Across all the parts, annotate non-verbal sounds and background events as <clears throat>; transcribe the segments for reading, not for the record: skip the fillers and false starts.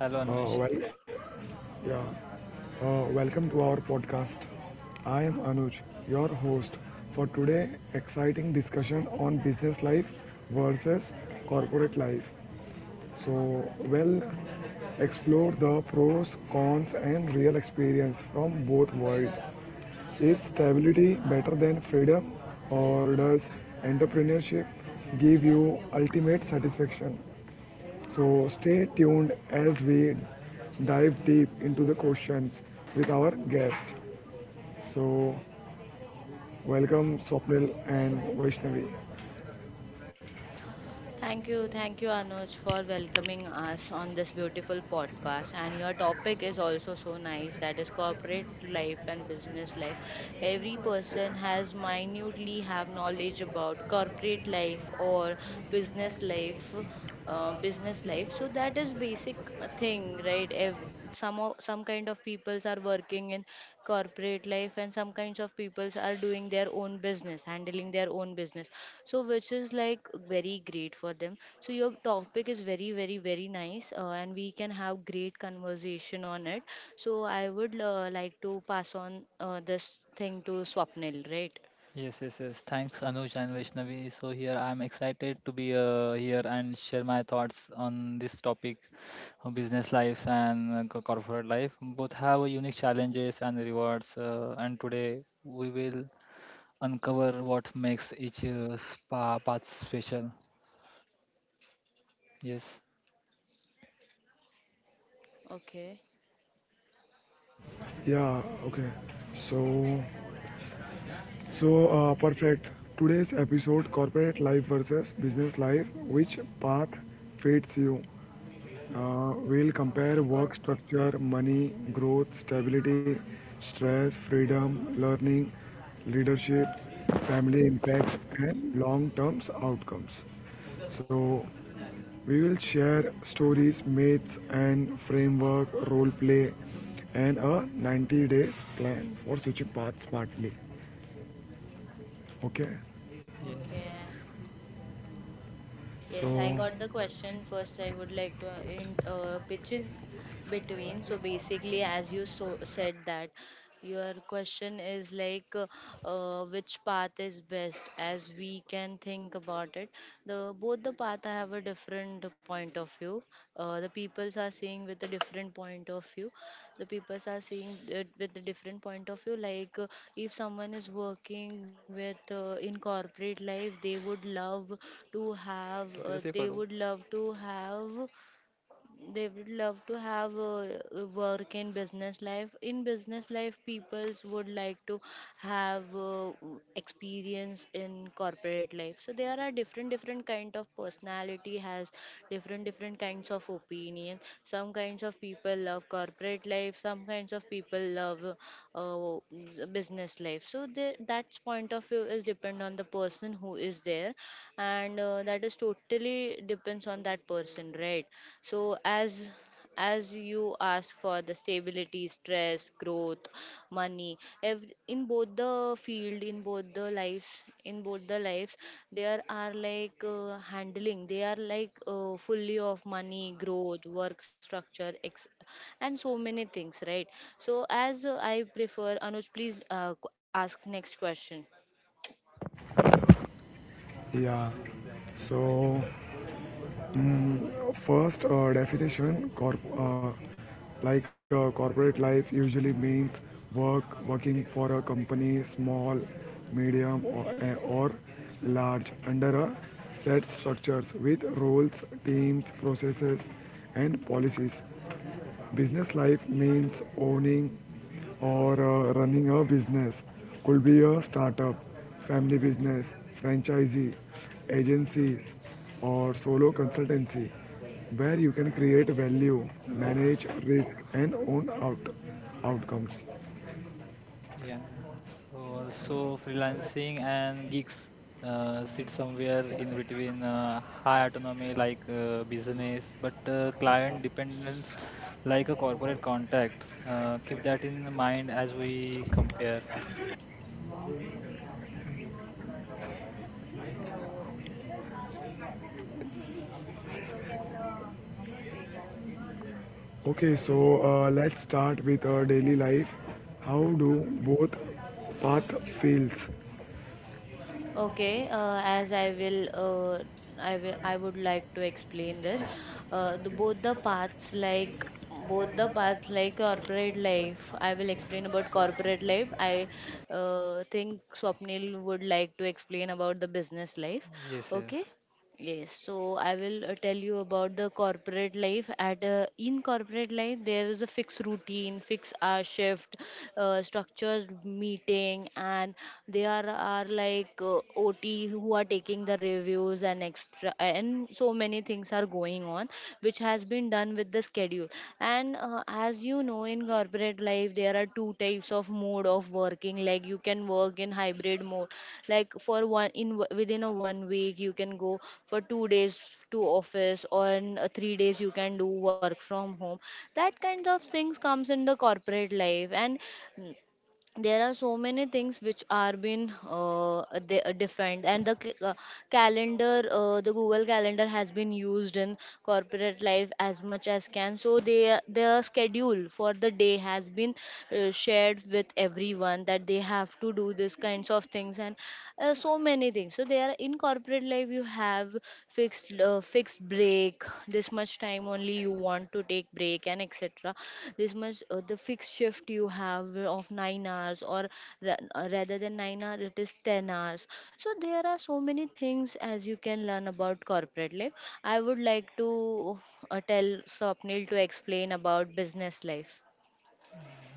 Hello Anuj. Uh, well, yeah, Welcome to our podcast. I am Anuj, your host for today exciting discussion on business life versus corporate life. So, well, Explore the pros, cons, and real experience from both worlds. Is stability better than freedom, or does entrepreneurship give you ultimate satisfaction? So stay tuned as we dive deep into the questions with our guest. So welcome Swapnil and Vaishnavi. Thank you, Anuj, for welcoming us on this beautiful podcast. And your topic is also so nice that is corporate life and business life. Every person has minutely have knowledge about corporate life or business life business life so that is basic thing, right? If some kind of peoples are working in corporate life and some kinds of peoples are doing their own business, handling their own business, so which is like very great for them. So your topic is very very very nice, and we can have great conversation on it. So I would like to pass on this thing to Swapnil, right? Yes, yes, yes. Thanks Anuj and Vaishnavi. So here I'm excited to be here and share my thoughts on this topic of business lives and corporate life. Both have a unique challenges and rewards. And today we will uncover what makes each spa path special. Yes. Okay. Yeah, okay. So so perfect. Today's episode, corporate life versus business life, which path fits you. We'll Oh. compare work structure, money, growth, stability, stress, freedom, learning, leadership, family impact, and long term outcomes. So, we will share stories, myths, and framework, role play, and a 90 days plan for switching path smartly. Okay, Yes. Okay. Yes, I so got the question. First, I would like to pitch in between. So basically, as you so said that your question is like which path is best, as we can think about it, the both the path have a different point of view. The peoples are seeing with a different point of view, the peoples are seeing it with a different point of view, like if someone is working with in corporate life, to have uh, तेरा से they पढ़ो would love to have they would love to have work and business life. In business life, peoples would like to have experience in corporate life. So there are different different kind of personality, has different different kinds of opinion. Some kinds of people love corporate life, some kinds of people love uh, business life. So that point of view is depend on the person who is there, and that is totally depends on that person, right? So as as you ask for the stability, stress, growth, money, ev- in both the field in both the lives in both the lives, there are like handling, they are like fully of money, growth, work structure, and so many things, right? So as I prefer, Anuj, please ask next question. yeah, so First definition, corporate life usually means work, working for a company, small, medium, or large, under a set structures with roles, teams, processes, and policies. Business life means owning or running a business. Could be a startup, family business, franchisee, agencies, or solo consultancy, where you can create value, manage risk, and own outcomes. Yeah, so also freelancing and gigs sit somewhere in between high autonomy like business, but client dependence like a corporate contact. Keep that in mind as we compare. Okay, so let's start with our daily life. How do both path feels? Okay, as I will, I will, I would like to explain this. The both the paths, like corporate life. I will explain about corporate life. I think Swapnil would like to explain about the business life. Yes, Okay. yes. Yes, so I will tell you about the corporate life. At In corporate life, there is a fixed routine, fixed hour shift, structured meeting, and there are like OT who are taking the reviews and extra, and so many things are going on, which has been done with the schedule. And as you know, in corporate life there are two types of mode of working, like you can work in hybrid mode like for one within a one week you can go for 2 days to office or in 3 days you can do work from home. That kind of things comes in the corporate life, and mm, there are so many things which are been defined, and the Google calendar has been used in corporate life as much as can. So they their schedule for the day has been shared with everyone, that they have to do this kinds of things and so many things. So there in corporate life you have fixed break, this much time only you want to take break and etc. This much the fixed shift you have of 9 hours, or rather than 9 hours it is 10 hours. So there are so many things as you can learn about corporate life. I would like to tell Swapnil to explain about business life.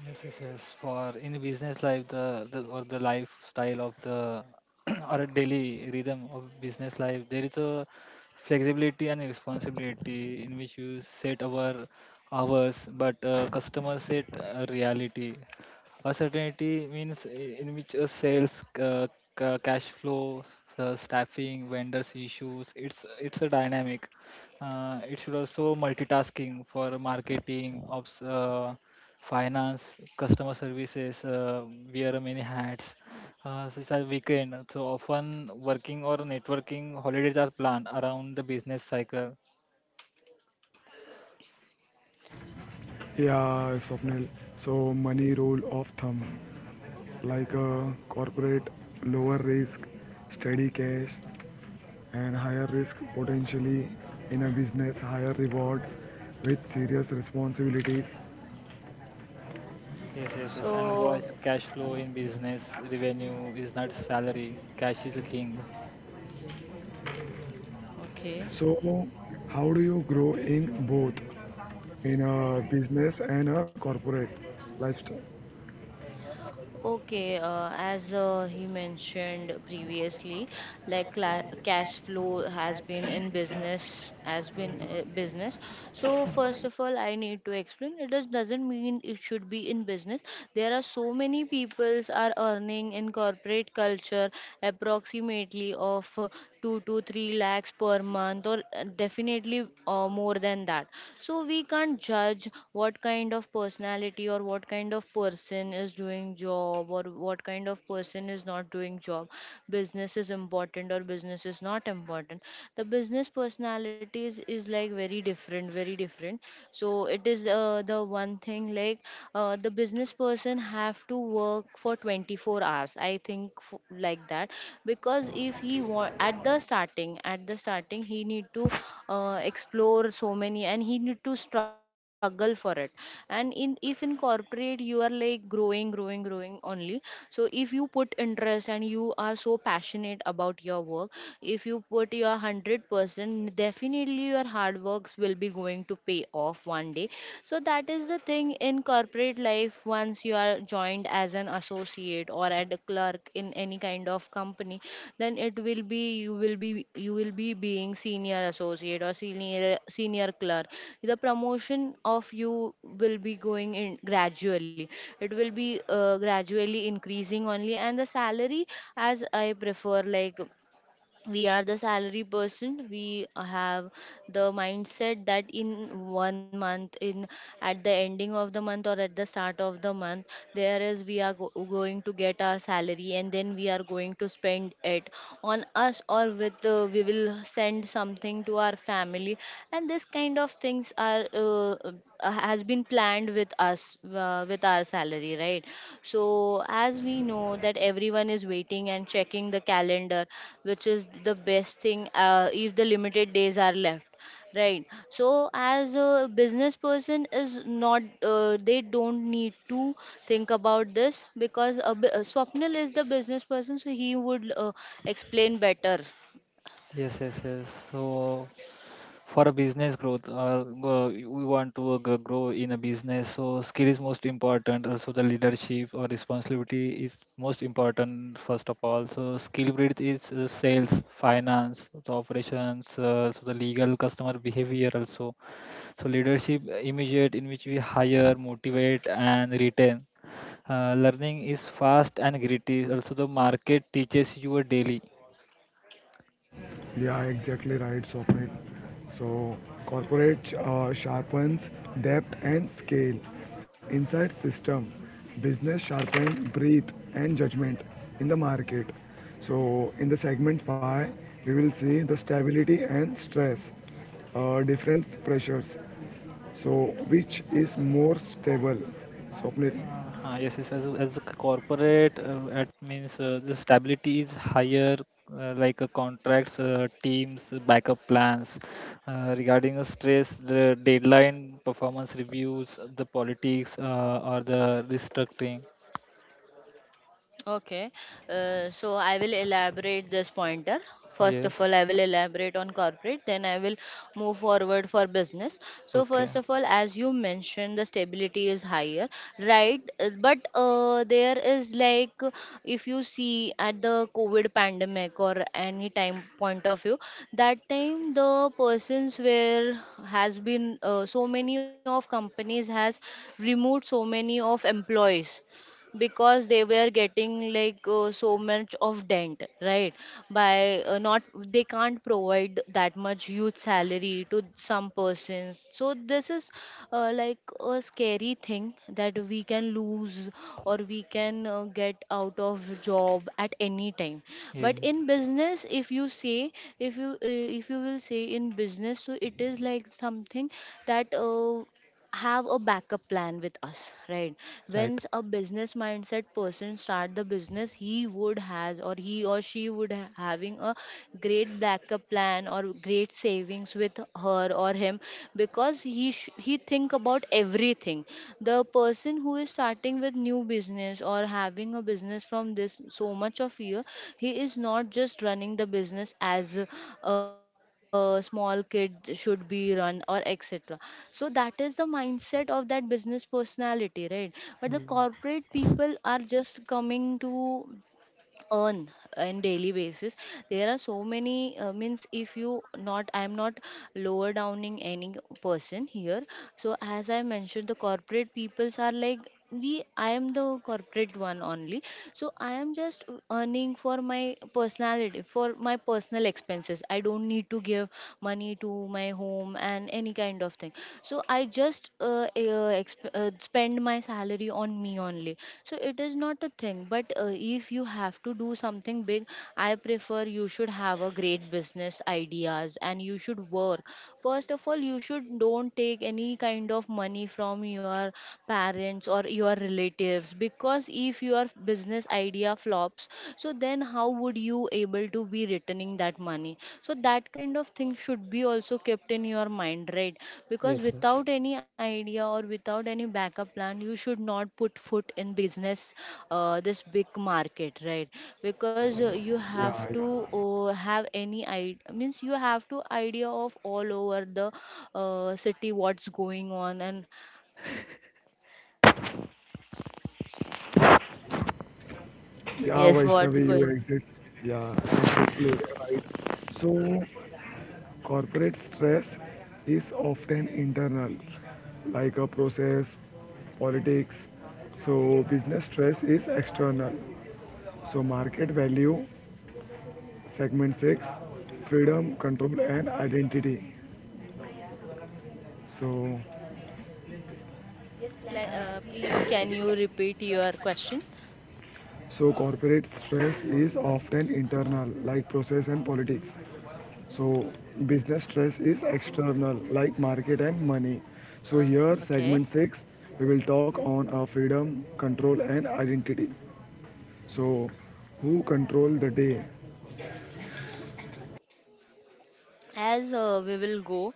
Yes, yes, yes. For in a business life, the lifestyle of the <clears throat> or a daily rhythm of business life, there is a flexibility and responsibility in which you set our hours, but customers set reality. Uncertainty means in which sales, cash flow, staffing, vendors issues. It's a dynamic. It should also multitasking for marketing, ops, finance, customer services. Wear many hats. Such as weekend. So often working or networking holidays are planned around the business cycle. Yeah, Swapnil. So money rule of thumb. Like a corporate, lower risk, steady cash, and higher risk potentially in a business, higher rewards with serious responsibilities. Yes, yes, yes. And voice So, cash flow in business revenue is not salary. Cash is a king. okay. So how do you grow in both, in a business and a corporate lifestyle? Okay, as he mentioned previously, like cla cash flow has been in business, has been business. So first of all, I need to explain. It just doesn't mean it should be in business. There are so many peoples are earning in corporate culture approximately of 2 to 3 lakhs per month, or definitely more than that. So we can't judge what kind of personality or what kind of person is doing job or what kind of person is not doing job, business is important or business is not important. The business personalities is like very different, very different. So it is the one thing, like the business person have to work for 24 hours, I think, like that, because if he want, at the starting he need to explore so many, and he need to struggle for it. And in if in corporate you are like growing growing growing only. So if you put interest and you are so passionate about your work, if you put your 100%, definitely your hard works will be going to pay off one day. So that is the thing in corporate life. Once you are joined as an associate or at a clerk in any kind of company, then it will be you will be being senior associate or senior clerk. The promotion of you will be going in gradually. It will be gradually increasing only, and the salary, as I prefer, like we are the salary person, we have the mindset that in one month, in at the ending of the month or at the start of the month, there is we are going to get our salary, and then we are going to spend it on us, or with we will send something to our family. And this kind of things are has been planned with us with our salary, right? So as we know that everyone is waiting and checking the calendar, which is the best thing, if the limited days are left, right? So as a business person is not, they don't need to think about this, because Swapnil is the business person, so he would explain better. Yes, yes, yes. So, for a business growth, or we want to grow in a business, so skill is most important. Also, the leadership or responsibility is most important first of all. So, skill breed is sales, finance, the operations, so the legal, customer behavior also. So, leadership immediate in which we hire, motivate, and retain. Learning is fast and gritty. Also, the market teaches you a daily. Yeah, exactly right, Swapnil. So, corporate sharpens depth and scale. Inside system, business sharpen breadth and judgment in the market. So, in the segment 5, we will see the stability and stress, different pressures. So, which is more stable? Swapnil. Yes, yes. As a corporate, at means the stability is higher, like contracts, teams, backup plans. Regarding the stress, the deadline, performance reviews, the politics, or the restructuring. Okay, so I will elaborate this pointer. First of Yes. all, I will elaborate on corporate, then I will move forward for business. So, Okay. first of all, as you mentioned, the stability is higher, right? But there is like, if you see at the COVID pandemic or any time point of view, that time the persons where has been so many of companies has removed so many of employees, because they were getting like so much of dent, right? By not, they can't provide that much huge salary to some persons. So this is like a scary thing, that we can lose or we can get out of job at any time. Yeah. But in business, if you say, if you will say in business, so it is like something that have a backup plan with us, right? When Right. a business mindset person start the business, he or she would having a great backup plan or great savings with her or him, because he think about everything. The person who is starting with new business or having a business from this so much of year, he is not just running the business as a small kid should be run or etc. So that is the mindset of that business personality, right? But the Yeah. corporate people are just coming to earn in daily basis. There are so many means, if you not I'm not lower downing any person here. So as I mentioned, the corporate peoples are like, we I am the corporate one only. So I am just earning for my personality, for my personal expenses. I don't need to give money to my home and any kind of thing. So, I just spend my salary on me only. So it is not a thing, but if you have to do something big, I prefer you should have a great business ideas and you should work. First of all, you should don't take any kind of money from your parents or your relatives, because if your business idea flops, so then how would you able to be returning that money? So that kind of thing should be also kept in your mind, right? Because Yes. Yes. without any idea or without any backup plan, you should not put foot in business, this big market, right? Because you have Yeah, yeah. to have any idea, means you have to idea of all over the city, what's going on, and Yeah, yes, what's Vaishnavi, you going? exit. Yeah, exactly right. So, corporate stress is often internal, like a process, politics. So, business stress is external. So, market value, segment 6, freedom, control, and identity. So, Please can you repeat your question? so corporate stress is often internal, like process and politics. So business stress is external like market and money. So here Okay, segment 6 we will talk on our freedom, control and identity. So who control the day? as we will go,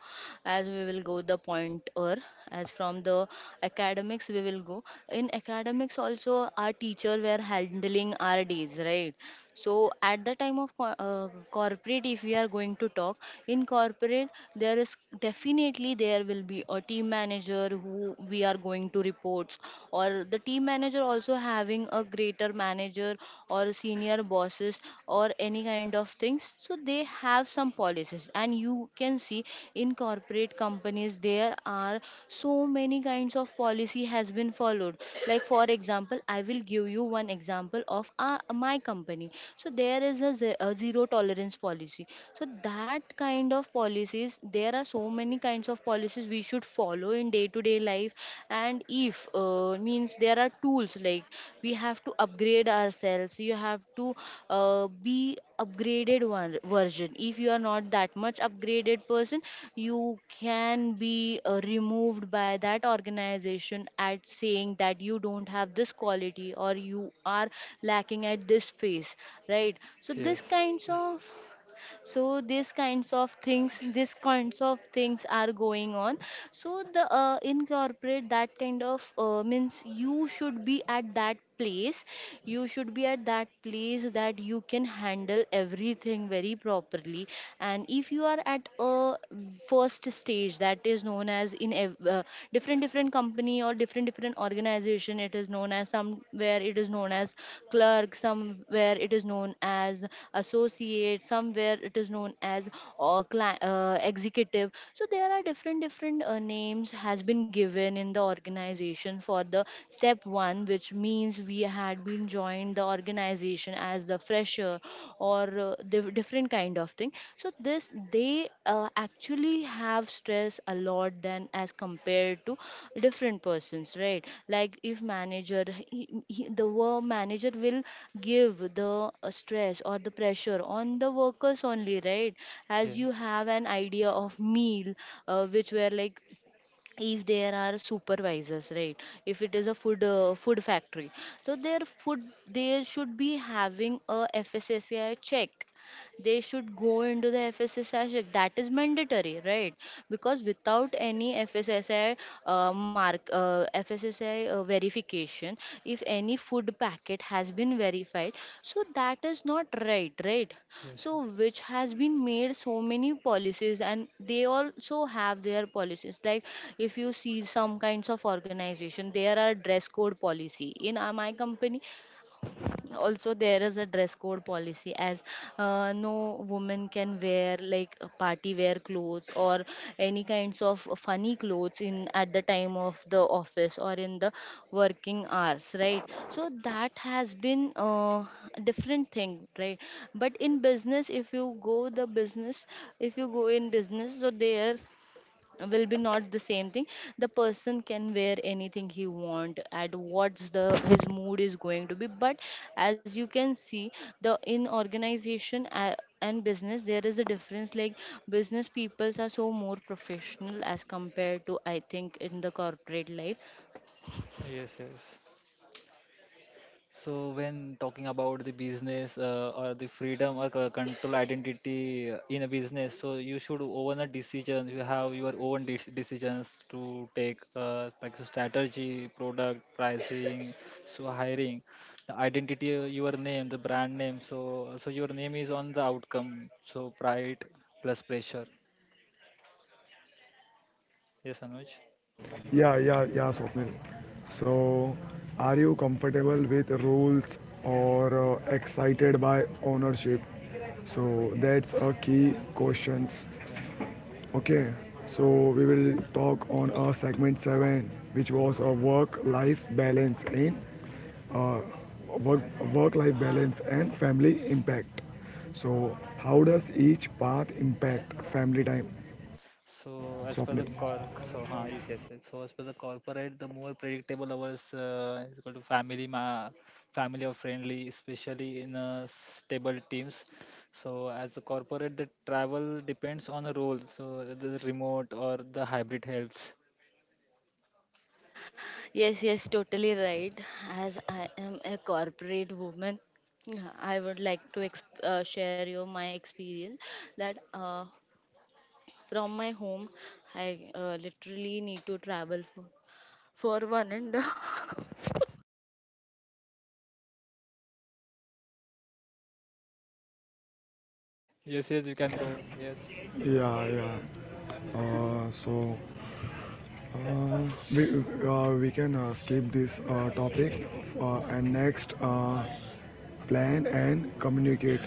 as we will go the pointer, as from the academics we will go. In academics also our teacher were handling our days, right? So at the time of corporate if we are going to talk, in corporate there is definitely, there will be a team manager who we are going to reports, or the team manager also having a greater manager or senior bosses or any kind of things, so they have some policies. And you can see in corporate companies there are so many kinds of policy has been followed. Like for example I will give you one example of my company. So there is a zero tolerance policy. So that kind of policies, there are so many kinds of policies we should follow in day to day life. And if means there are tools like we have to upgrade ourselves, you have to be upgraded one version. If you are not that much upgraded person, you can be removed by that organization, at saying that you don't have this quality or you are lacking at this phase, right? So this Yes. kinds of, so these kinds of things, these kinds of things are going on. So the incorporate, that kind of means you should be at that place, you should be at that place that you can handle everything very properly. And if you are at a first stage, that is known as in different different company or different different organization, it is known as, somewhere it is known as clerk, somewhere it is known as associate, somewhere it is known as or executive. So there are different different names has been given in the organization for the step 1, which means we had been joined the organization as the fresher or different kind of thing. So this they actually have stress us a lot than as compared to different persons, right? Like if manager, the work manager will give the stress or the pressure on the workers only, right? As Yeah. you have an idea of meal, which were like, if there are supervisors, right? If it is a food factory, so their food, they should be having a FSSAI check. They should go into the FSSAI check, that is mandatory, right? Because without any FSSAI mark, fssci verification, if any food packet has been verified, so that is not right, right? Yes. So Yes. which has been made so many policies, and they also have their policies like, if you see some kinds of organization, there are dress code policy. In my company also there is a dress code policy as no woman can wear like party wear clothes or any kinds of funny clothes in at the time of the office or in the working hours, right? So that has been a different thing, right? But in business if you go the business, if you go in business, so there will be not the same thing. The person can wear anything he want at what's the his mood is going to be. But as you can see, the in organization and business, there is a difference, like business peoples are so more professional as compared to I think in the corporate life. Yes. Yes. So when talking about the business or the freedom or control identity in a business, so you should own a decision. You have your own decisions to take, like the strategy, product pricing, so hiring, the identity, your name, the brand name. So your name is on the outcome. So pride plus pressure. Yes, Anuj. Yeah, yeah, yeah, Swapnil. So are you comfortable with rules or excited by ownership? So that's a key questions. Yeah. Okay, so we will talk on our segment 7 which was a work life balance in work, work-life balance and family impact. So how does each path impact family time? Swapnil. So as per so yes, yes, yes. So as per the corporate, the more predictable hours is equal to family, ma family or friendly, especially in stable teams. So as a corporate, the travel depends on the role. So the remote or the hybrid helps. Yes, yes, totally right. As I am a corporate woman, yeah, I would like to share you my experience that from my home, I literally need to travel for one and a Yes, yes, you can go. Yes, Yeah, yeah. So we we can skip this topic and next plan and communicate.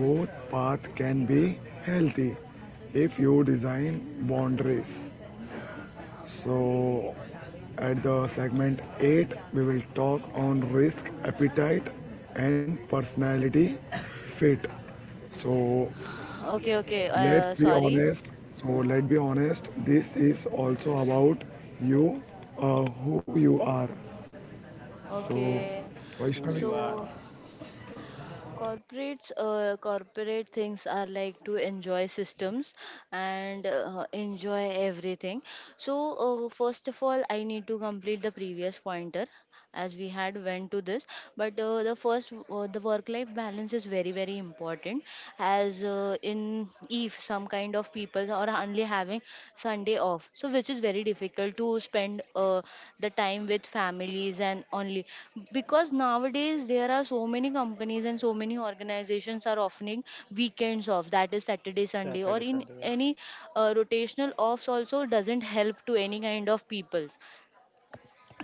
Both paths can be healthy if you design boundaries. So, at the segment 8, we will talk on risk, appetite, and personality fit. So, <laughs> Okay, okay. let's be Sorry. honest. So, let's be honest. This is also about you, who you are. So, Okay. who you Vaishnavi. are. So corporates, corporate things are like to enjoy systems and enjoy everything. So first of all, I need to complete the previous pointer, as we had went to this. But the first, the work-life balance is very very important. As in, if some kind of people are only having Sunday off. So which is very difficult to spend the time with families. And only because nowadays there are so many companies and so many organizations are offering weekends off, that is Saturday, Sunday, or Saturday, in Sunday. Yes, any rotational offs also doesn't help to any kind of people,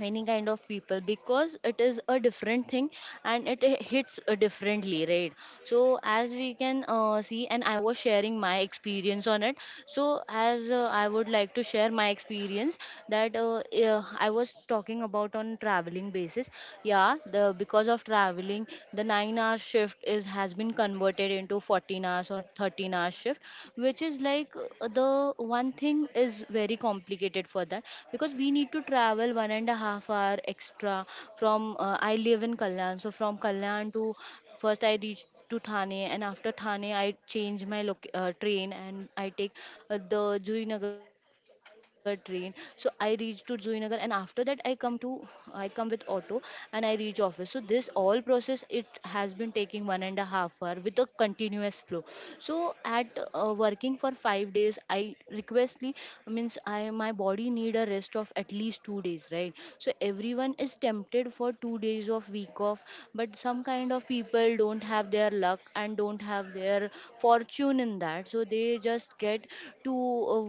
any kind of people because it is a different thing, and it hits differently, right? So as we can see, and I was sharing my experience on it. So as I would like to share my experience that I was talking about on traveling basis. Yeah, the because of traveling, the 9-hour shift is has been converted into 14 hours or 13-hour shift, which is like the one thing is very complicated for that, because we need to travel 1.5 hours extra from I live in Kalyan. So from Kalyan to, first I reach to Thane, and after Thane I change my train, and I take the Juinagar train. So I reach to Juinagar, and after that I come to, I come with auto, and I reach office. So this all process it has been taking 1.5 hours with a continuous flow. So at working for 5 days, I requestly means I, my body need a rest of at least 2 days, right? So everyone is tempted for 2 days of week off, but some kind of people don't have their luck and don't have their fortune in that, so they just get to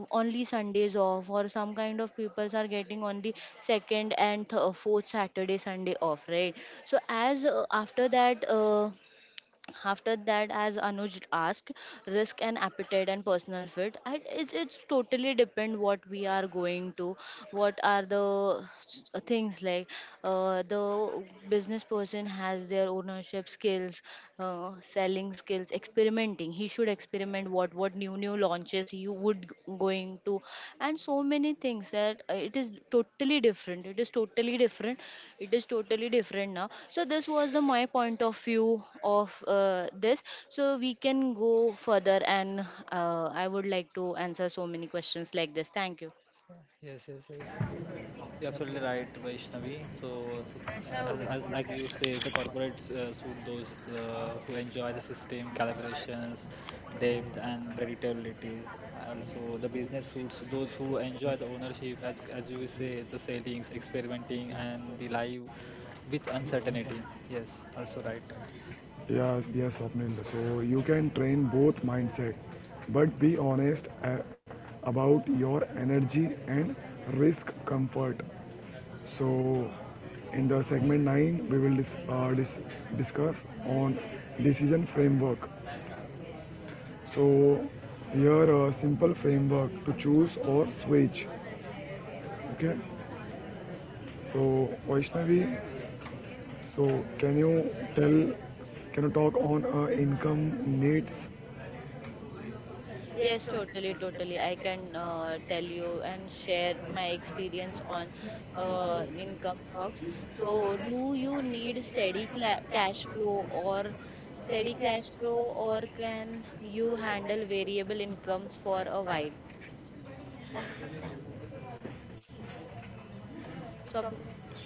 only Sundays off, or some kind of peoples are getting only second and fourth Saturday Sunday off, right? So as after that, after that as Anuj asked, risk and appetite and personal fit, it's totally depend what we are going to, what are the things like, the business person has their ownership skills, selling skills, experimenting, he should experiment what what new new launches you would going to, and so many things, that it is totally different, it is totally different it is totally different now. So this was the my point of view of this. So we can go further, and I would like to answer so many questions like this. Thank you. yes, yes. Yes. You're absolutely right, Vaishnavi. So, as like you say, the corporates suit those who enjoy the system calibrations, depth, and predictability. Also, the business suits those who enjoy the ownership, as you say, the sailings, experimenting, and the live with uncertainty. Yes, also right. Yes, yes, Swapnil. So you can train both mindset, but be honest about your energy and risk comfort. So in the segment 9, we will discuss on decision framework. So here a simple framework to choose or switch. Okay. So Vaishnavi, so can you tell, can you talk on income needs. Yes, totally, totally. I can tell you and share my experience on income talks. So, do you need steady cla cash flow, or can you handle variable incomes for a while? So, up-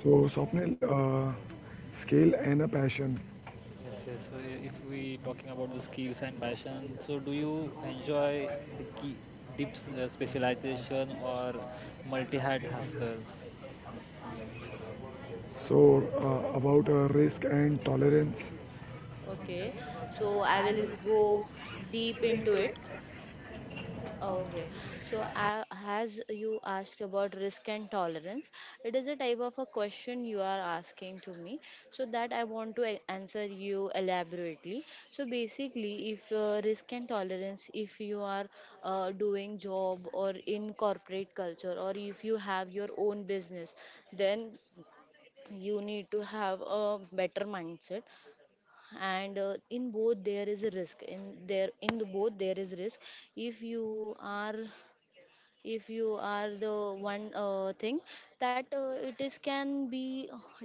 So, Swapnil, scale and a passion. Yes, yes. So, if we talking about the skills and passion, so do you enjoy the key deep specialization or multi-hat hostels? So, about risk and tolerance. okay. So I will go deep into it. Okay, so as you asked about risk and tolerance, it is a type of a question you are asking to me, so that I want to answer you elaborately. So basically, if risk and tolerance, if you are doing job or in corporate culture, or if you have your own business, then you need to have a better mindset. And in both there is a risk in, there in the both there is risk. If you are, if you are the one thing that it is can be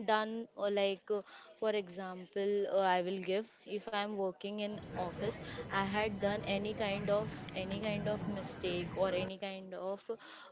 done, or like for example I will give, if I am working in office, I had done any kind of mistake, or any kind of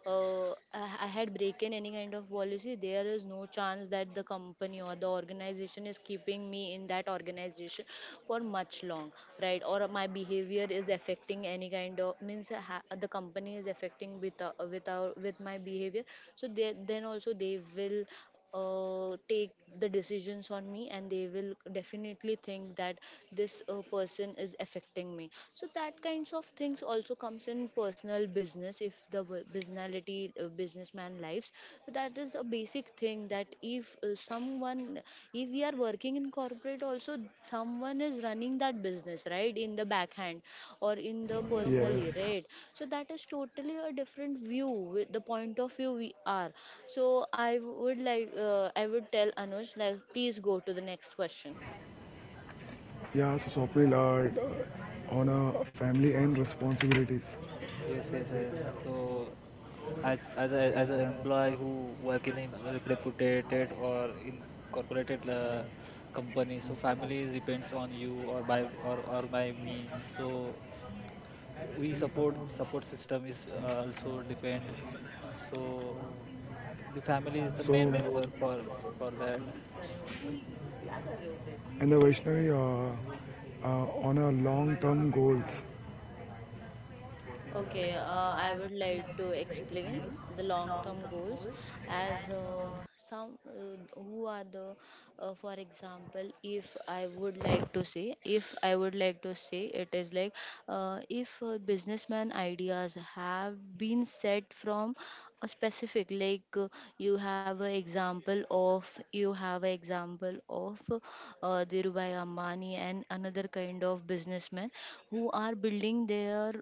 I had broken any kind of policy, there is no chance that the company or the organization is keeping me in that organization for much long, right? Or my behavior is affecting any kind of means, the company is affecting with our, with my behavior. So they, then also they will take the decisions on me, and they will definitely think that this person is affecting me. So that kinds of things also comes in personal business. If the the bu- businality businessman lives, so that is a basic thing that if someone, if we are working in corporate also, someone is running that business, right, in the backhand, or in the Yes. personally, right? So that is totally a different view with the point of view we are. So I would like I would tell Anush like, please go to the next question. Yeah, so Swapnil, on family and responsibilities. Yes, yes, yes. So, as an employee who work in a reputed or incorporated company, so family depends on you or by or or by me. So, we support system is also depends. So, the family is the So, main member for that. and the Vaishnavi, on a long term goals. Okay, I would like to explain the long-term goals, as some who are the, for example, if I would like to say, if I would like to say, it is like if businessman ideas have been set from a specific like you have an example of, you have an example of Dhirubhai Ambani and another kind of businessmen who are building their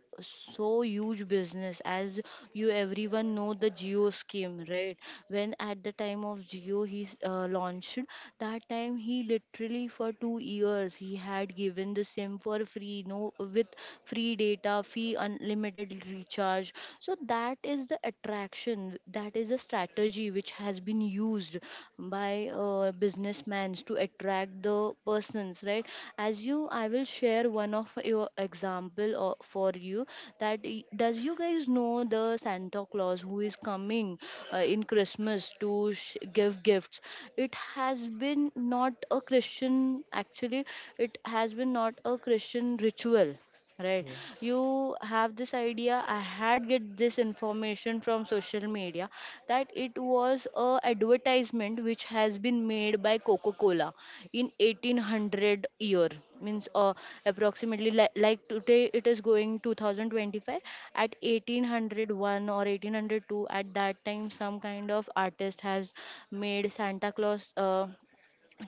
so huge business. As you, everyone know the Geo scheme, right? When at the time of Geo he launched, that time he literally for 2 years he had given the sim for free, no, with free data, free unlimited recharge. So that is the attraction, that is a strategy which has been used by businessmen to attract the persons, right? As you, I will share one of your example for you, that does you guys know the Santa Claus who is coming in Christmas to give gifts? It has been not a Christian actually, it has been not a Christian ritual. Right. Yeah. You have this idea. I had get this information from social media, that it was a advertisement which has been made by Coca-Cola in 1800 year, means approximately like today it is going 2025. At 1801 or 1802, at that time some kind of artist has made Santa Claus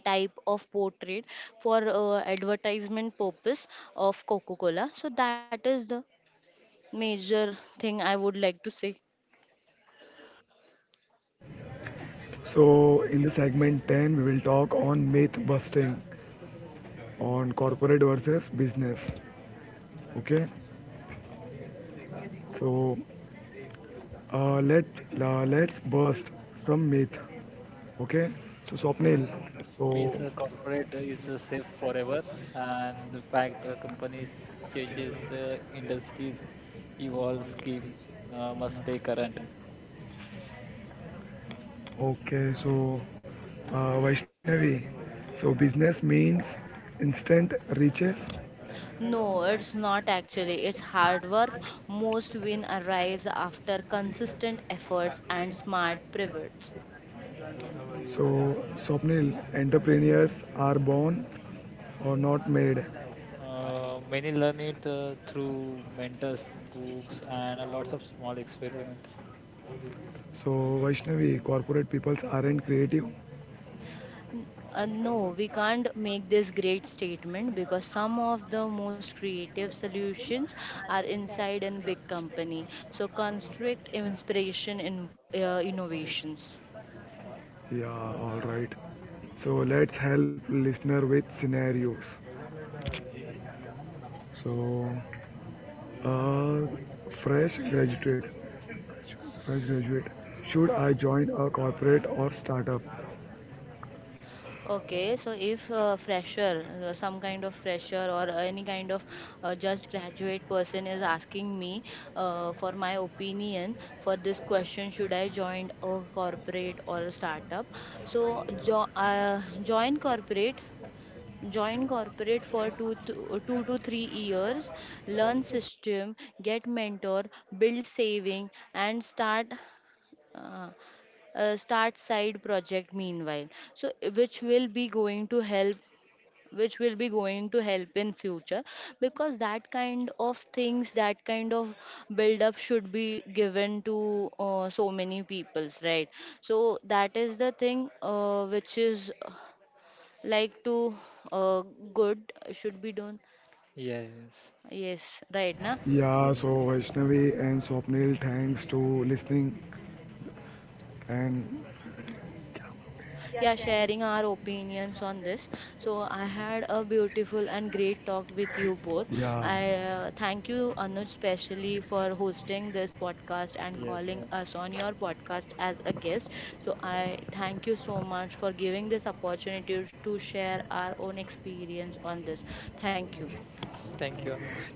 type of portrait for advertisement purpose of Coca-Cola. So that is the major thing I would like to say. So, in the segment 10, we will talk on myth busting on corporate versus business. Okay. So, uh, let let's bust some myth. Okay, so Swapnil, Yes, yes, yes. To me, it's so a corporate is safe forever, and the fact companies changes, the industries evolve, skill must stay current. okay, so Vaishnavi, so business means instant riches. No, it's not actually, it's hard work. Most win arrives after consistent efforts and smart pivots. So Swapnil, entrepreneurs are born or not made. Many learn it through mentors, books, and a lots of small experiments. So Vaishnavi, corporate peoples aren't creative. No, we can't make this great statement because some of the most creative solutions are inside in big company. So construct inspiration in innovations. Yeah, all right. So let's help listener with scenarios. So, uh, fresh graduate, fresh graduate, should I join a corporate or startup? Okay, so if fresher, some kind of fresher or any kind of just graduate person is asking me for my opinion for this question, should I join a corporate or a startup? So join corporate, join corporate for 2 to 3 years, learn system, get mentor, build saving, and start uh, start side project meanwhile. So which will be going to help, which will be going to help in future. Because that kind of things, that kind of build up should be given to so many peoples, right? So that is the thing which is like to uh, good should be done. Yes, Yes, right na. Yeah, yes, so Vaishnavi and Swapnil, thanks to listening and Yeah, sharing our opinions on this, so I had a beautiful and great talk with you both. yeah. I thank you Anuj specially for hosting this podcast and yes, calling yes. us on your podcast as a guest. So I thank you so much for giving this opportunity to share our own experience on this. Thank you. Thank you, Anuj.